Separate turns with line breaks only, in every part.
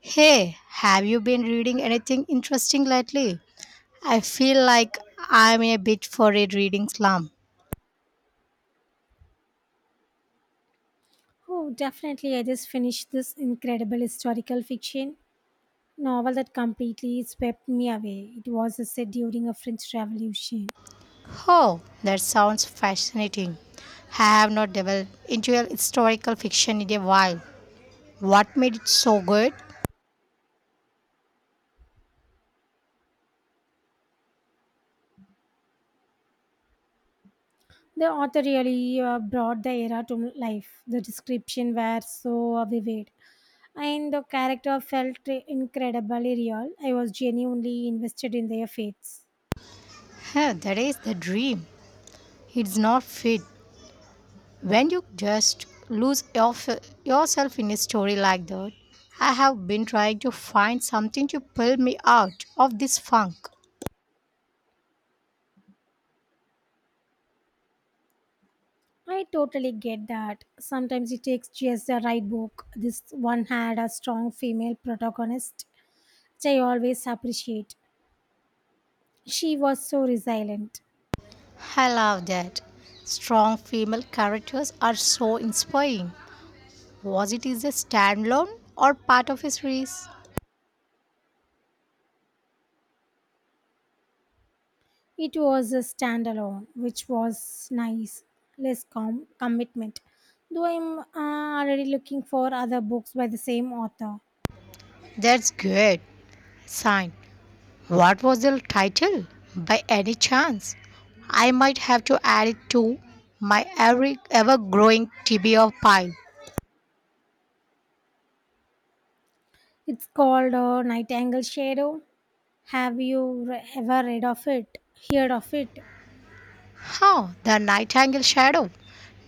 Hey, have you been reading anything interesting lately? I feel like I'm a bit for a reading slump.
Oh, definitely. I just finished this incredible historical fiction novel that completely swept me away. It was set during a French Revolution.
Oh, that sounds fascinating. I have not delved into a historical fiction in a while. What made it so good?
The author really brought the era to life. The description were so vivid, and the character felt incredibly real. I was genuinely invested in their fates.
Huh, that is the dream. It's not fit. When you just yourself in a story like that, I have been trying to find something to pull me out of this funk.
I totally get that. Sometimes it takes just the right book. This one had a strong female protagonist, which I always appreciate. She was so resilient.
I love that. Strong female characters are so inspiring. Was it is a standalone or part of a series?
It was a standalone, which was nice, less commitment. Though I'm already looking for other books by the same author.
That's good. Sign. What was the title? By any chance? I might have to add it to my every ever growing TBR pile.
It's called Nightingale Shadow. Have you ever read of it? Heard of it?
How? The Nightingale Shadow.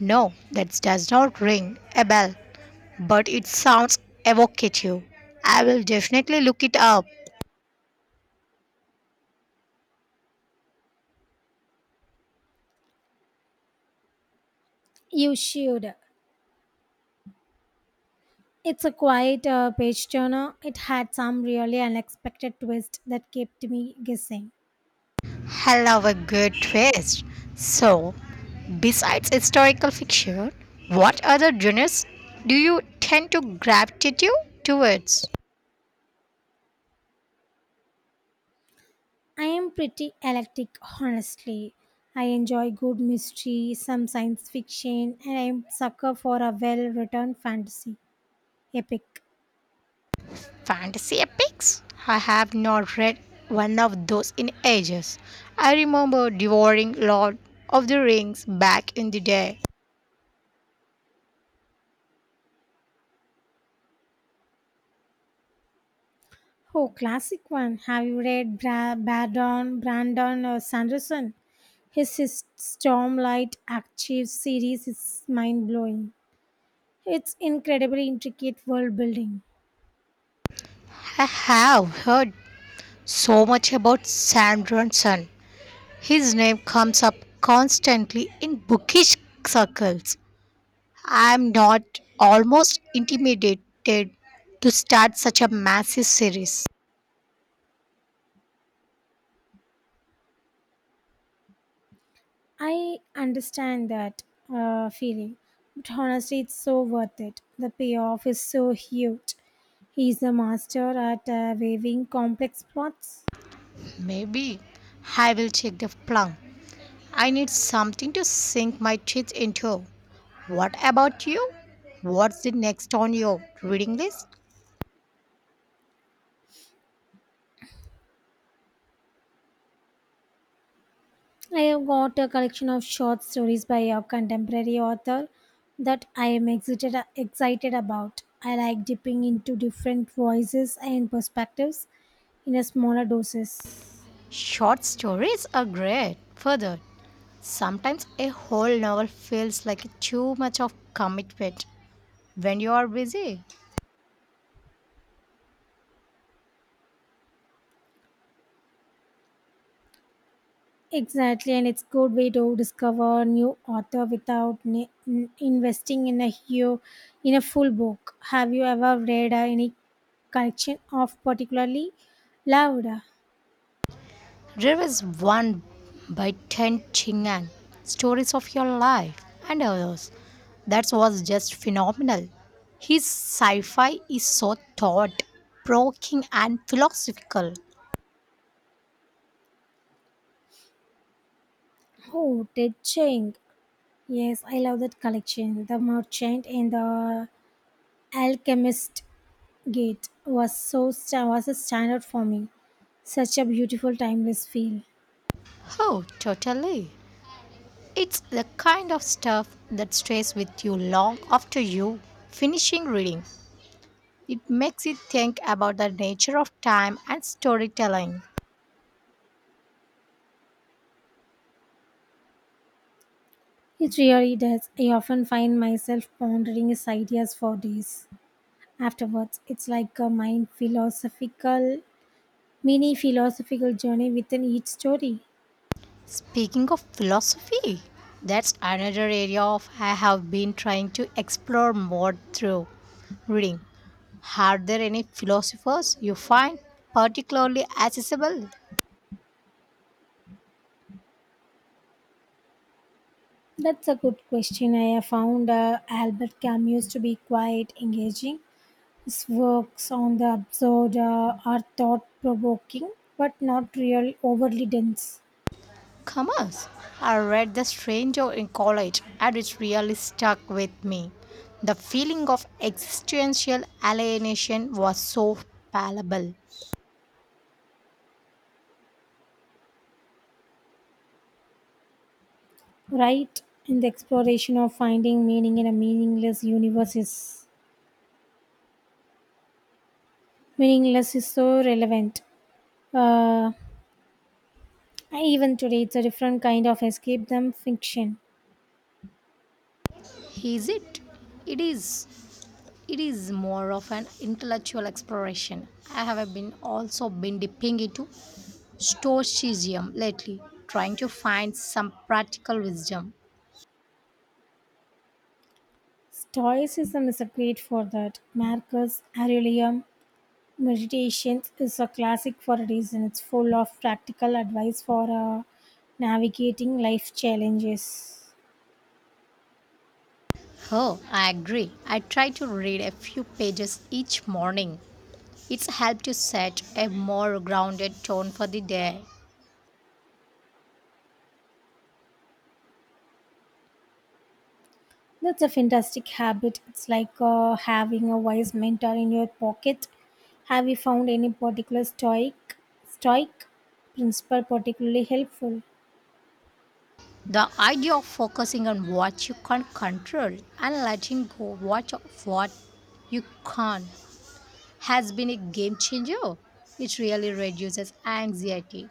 No, that does not ring a bell, but it sounds evocative. I will definitely look it up.
You should. It's a quiet page turner. It had some really unexpected twist that kept me guessing.
I love a good twist. So, besides historical fiction, what other genres do you tend to gravitate towards?
I am pretty eclectic, honestly. I enjoy good mystery, some science fiction, and I'm sucker for a well-written fantasy epic.
Fantasy epics? I have not read one of those in ages. I remember devouring Lord of the Rings back in the day.
Oh, classic one. Have you read Brandon Sanderson? His Stormlight Archive series is mind-blowing. It's incredibly intricate world building.
I have heard so much about Sam Ronson. His name comes up constantly in bookish circles. I'm not almost intimidated to start such a massive series.
I understand that feeling, but honestly, it's so worth it. The payoff is so huge. He's a master at weaving complex plots.
Maybe I will check the plum. I need something to sink my teeth into. What about you? What's the next on your reading list?
I have got a collection of short stories by a contemporary author that I am excited about. I like dipping into different voices and perspectives in a smaller doses.
Short stories are great. Further, sometimes a whole novel feels like too much of commitment when you are busy.
Exactly, and it's good way to discover new author without investing in a in a full book. Have you ever read any collection of particularly loved?
There is one by Ten Chingan, Stories of Your Life, and others. That was just phenomenal. His sci fi is so thought provoking and philosophical.
Oh, The Ching. Yes, I love that collection. The Merchant and the Alchemist Gate was was a standard for me. Such a beautiful timeless feel.
Oh, totally. It's the kind of stuff that stays with you long after you finishing reading. It makes you think about the nature of time and storytelling.
It really does. I often find myself pondering his ideas for days afterwards. It's like a mini philosophical journey within each story.
Speaking of philosophy, that's another area of I have been trying to explore more through reading. Are there any philosophers you find particularly accessible?
That's a good question. I have found Albert Camus to be quite engaging. His works on the absurd are thought provoking, but not real overly dense.
Commerce. I read The Stranger in college and it really stuck with me. The feeling of existential alienation was so palpable.
Right? And the exploration of finding meaning in a meaningless is so relevant. Uh, Even today, it's a different kind of escape than fiction.
Is it? It is. It is more of an intellectual exploration. I have been also been dipping into stoicism lately, trying to find some practical wisdom.
Stoicism is a great for that. Marcus Aurelius Meditations is a classic for a reason. It's full of practical advice for navigating life challenges.
Oh, I agree. I try to read a few pages each morning. It's helped to set a more grounded tone for the day.
That's a fantastic habit. It's like having a wise mentor in your pocket. Have you found any particular stoic principle particularly helpful?
The idea of focusing on what you can control and letting go what of what you can't has been a game changer. It really reduces anxiety.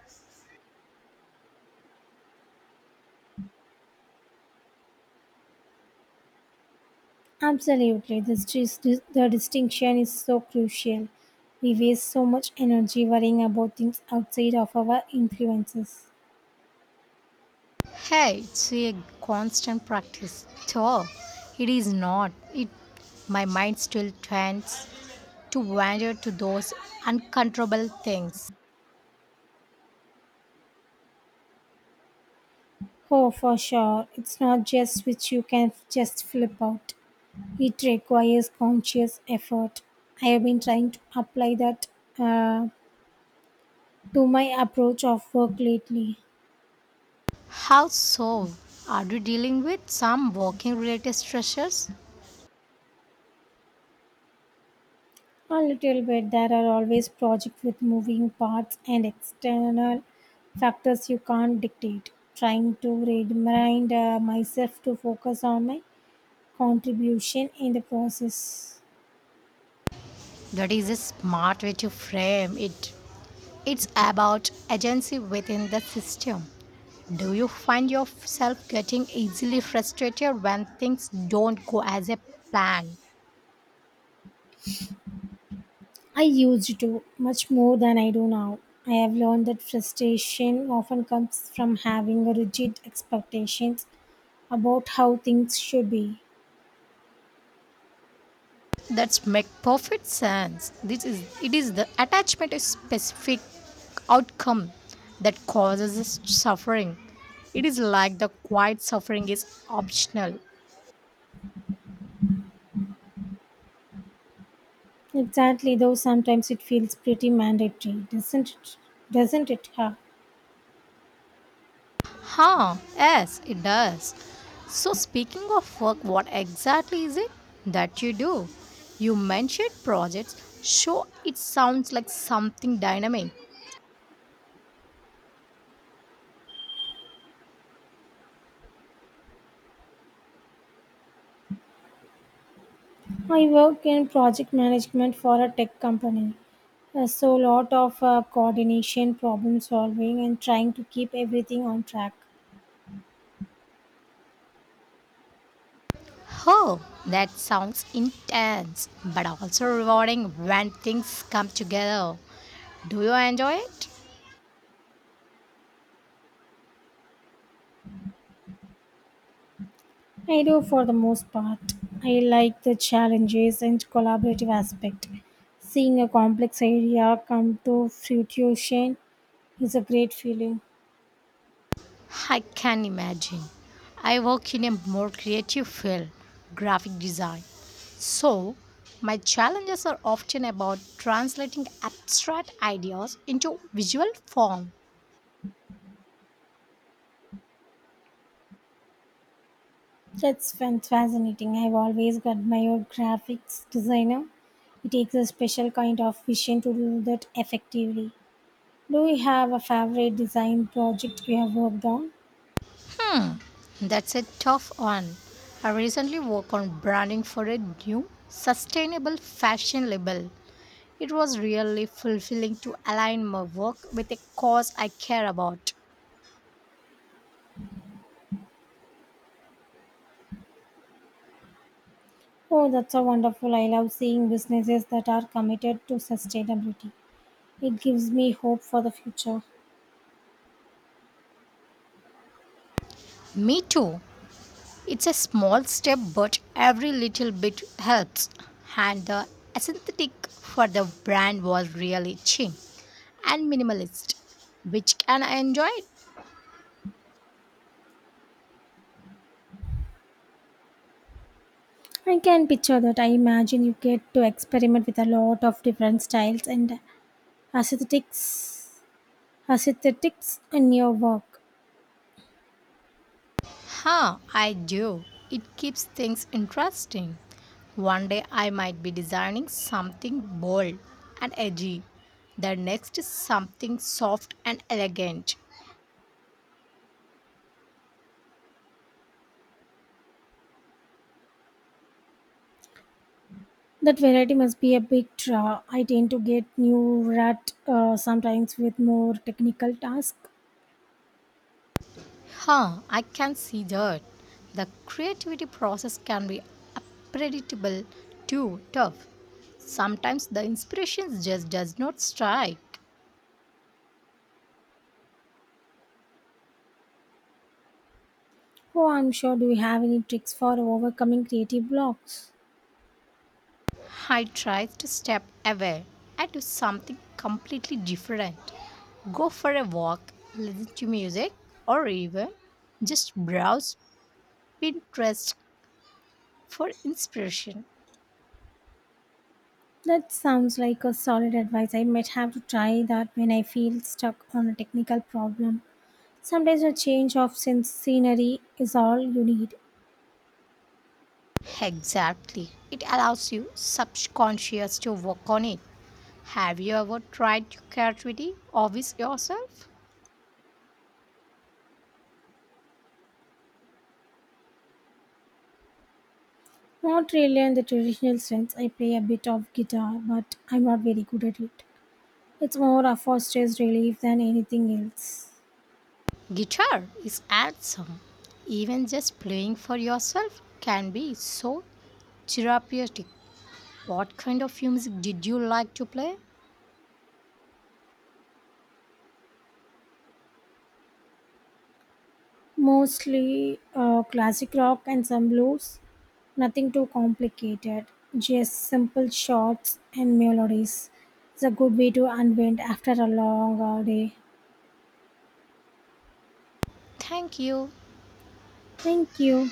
Absolutely, the distinction is so crucial. We waste so much energy worrying about things outside of our influences.
Hey, it's a constant practice. So, it is not. It my mind still tends to wander to those uncontrollable things.
Oh, for sure, it's not just which you can f- just flip out. It requires conscious effort. I have been trying to apply that uh, to my approach of work lately.
How so? Are you dealing with some working related stressors?
A little bit. There are always projects with moving parts and external factors you can't dictate. Trying to remind myself to focus on my contribution in the process.
That is a smart way to frame it. It's about agency within the system. Do you find yourself getting easily frustrated when things don't go as a plan?
I used to much more than I do now. I have learned that frustration often comes from having rigid expectations about how things should be.
That's make perfect sense. This is it is the attachment to specific outcome that causes us suffering. It is like the quiet suffering is optional.
Exactly, though sometimes it feels pretty mandatory, doesn't it? Huh?
Huh, yes, it does. So, speaking of work, what exactly is it that you do? You mentioned projects, so it sounds like something dynamic.
I work in project management for a tech company. So, lot of coordination, problem solving, and trying to keep everything on track.
Oh, that sounds intense, but also rewarding when things come together. Do you enjoy it?
I do for the most part. I like the challenges and collaborative aspect. Seeing a complex idea come to fruition is a great feeling.
I can imagine. I work in a more creative field, graphic design. So, my challenges are often about translating abstract ideas into visual form.
Fascinating. I've always admired graphics designer. It takes a special kind of vision to do that effectively. Do you have a favorite design project you have worked on?
That's a tough one. I recently worked on branding for a new sustainable fashion label. It was really fulfilling to align my work with a cause I care about.
Oh, that's so wonderful. I love seeing businesses that are committed to sustainability. It gives me hope for the future.
Me too. It's a small step, but every little bit helps. And the aesthetic for the brand was really chic and minimalist, which can I enjoy it?
I can picture that. I imagine you get to experiment with a lot of different styles and aesthetics, aesthetics in your work.
Huh, I do. It keeps things interesting. One day I might be designing something bold and edgy. The next is something soft and elegant.
That variety must be a big draw. I tend to get new rut sometimes with more technical tasks.
Huh, I can see that. The creativity process can be unpredictable too tough. Sometimes the inspiration just does not strike.
Oh, I'm sure. Do you have any tricks for overcoming creative blocks?
I try to step away and do something completely different. Go for a walk, listen to music, or even just browse Pinterest for inspiration.
That sounds like a solid advice. I might have to try that when I feel stuck on a technical problem. Sometimes a change of scenery is all you need.
Exactly. It allows you subconscious to work on it. Have you ever tried your creativity always yourself?
Not really in the traditional sense. I play a bit of guitar, but I'm not very good at it. It's more a for stress relief than anything else.
Guitar is awesome. Even just playing for yourself can be so therapeutic. What kind of music did you like to play?
Mostly classic rock and some blues. Nothing too complicated. Just simple chords and melodies. It's a good way to unwind after a long day.
Thank you.
Thank you.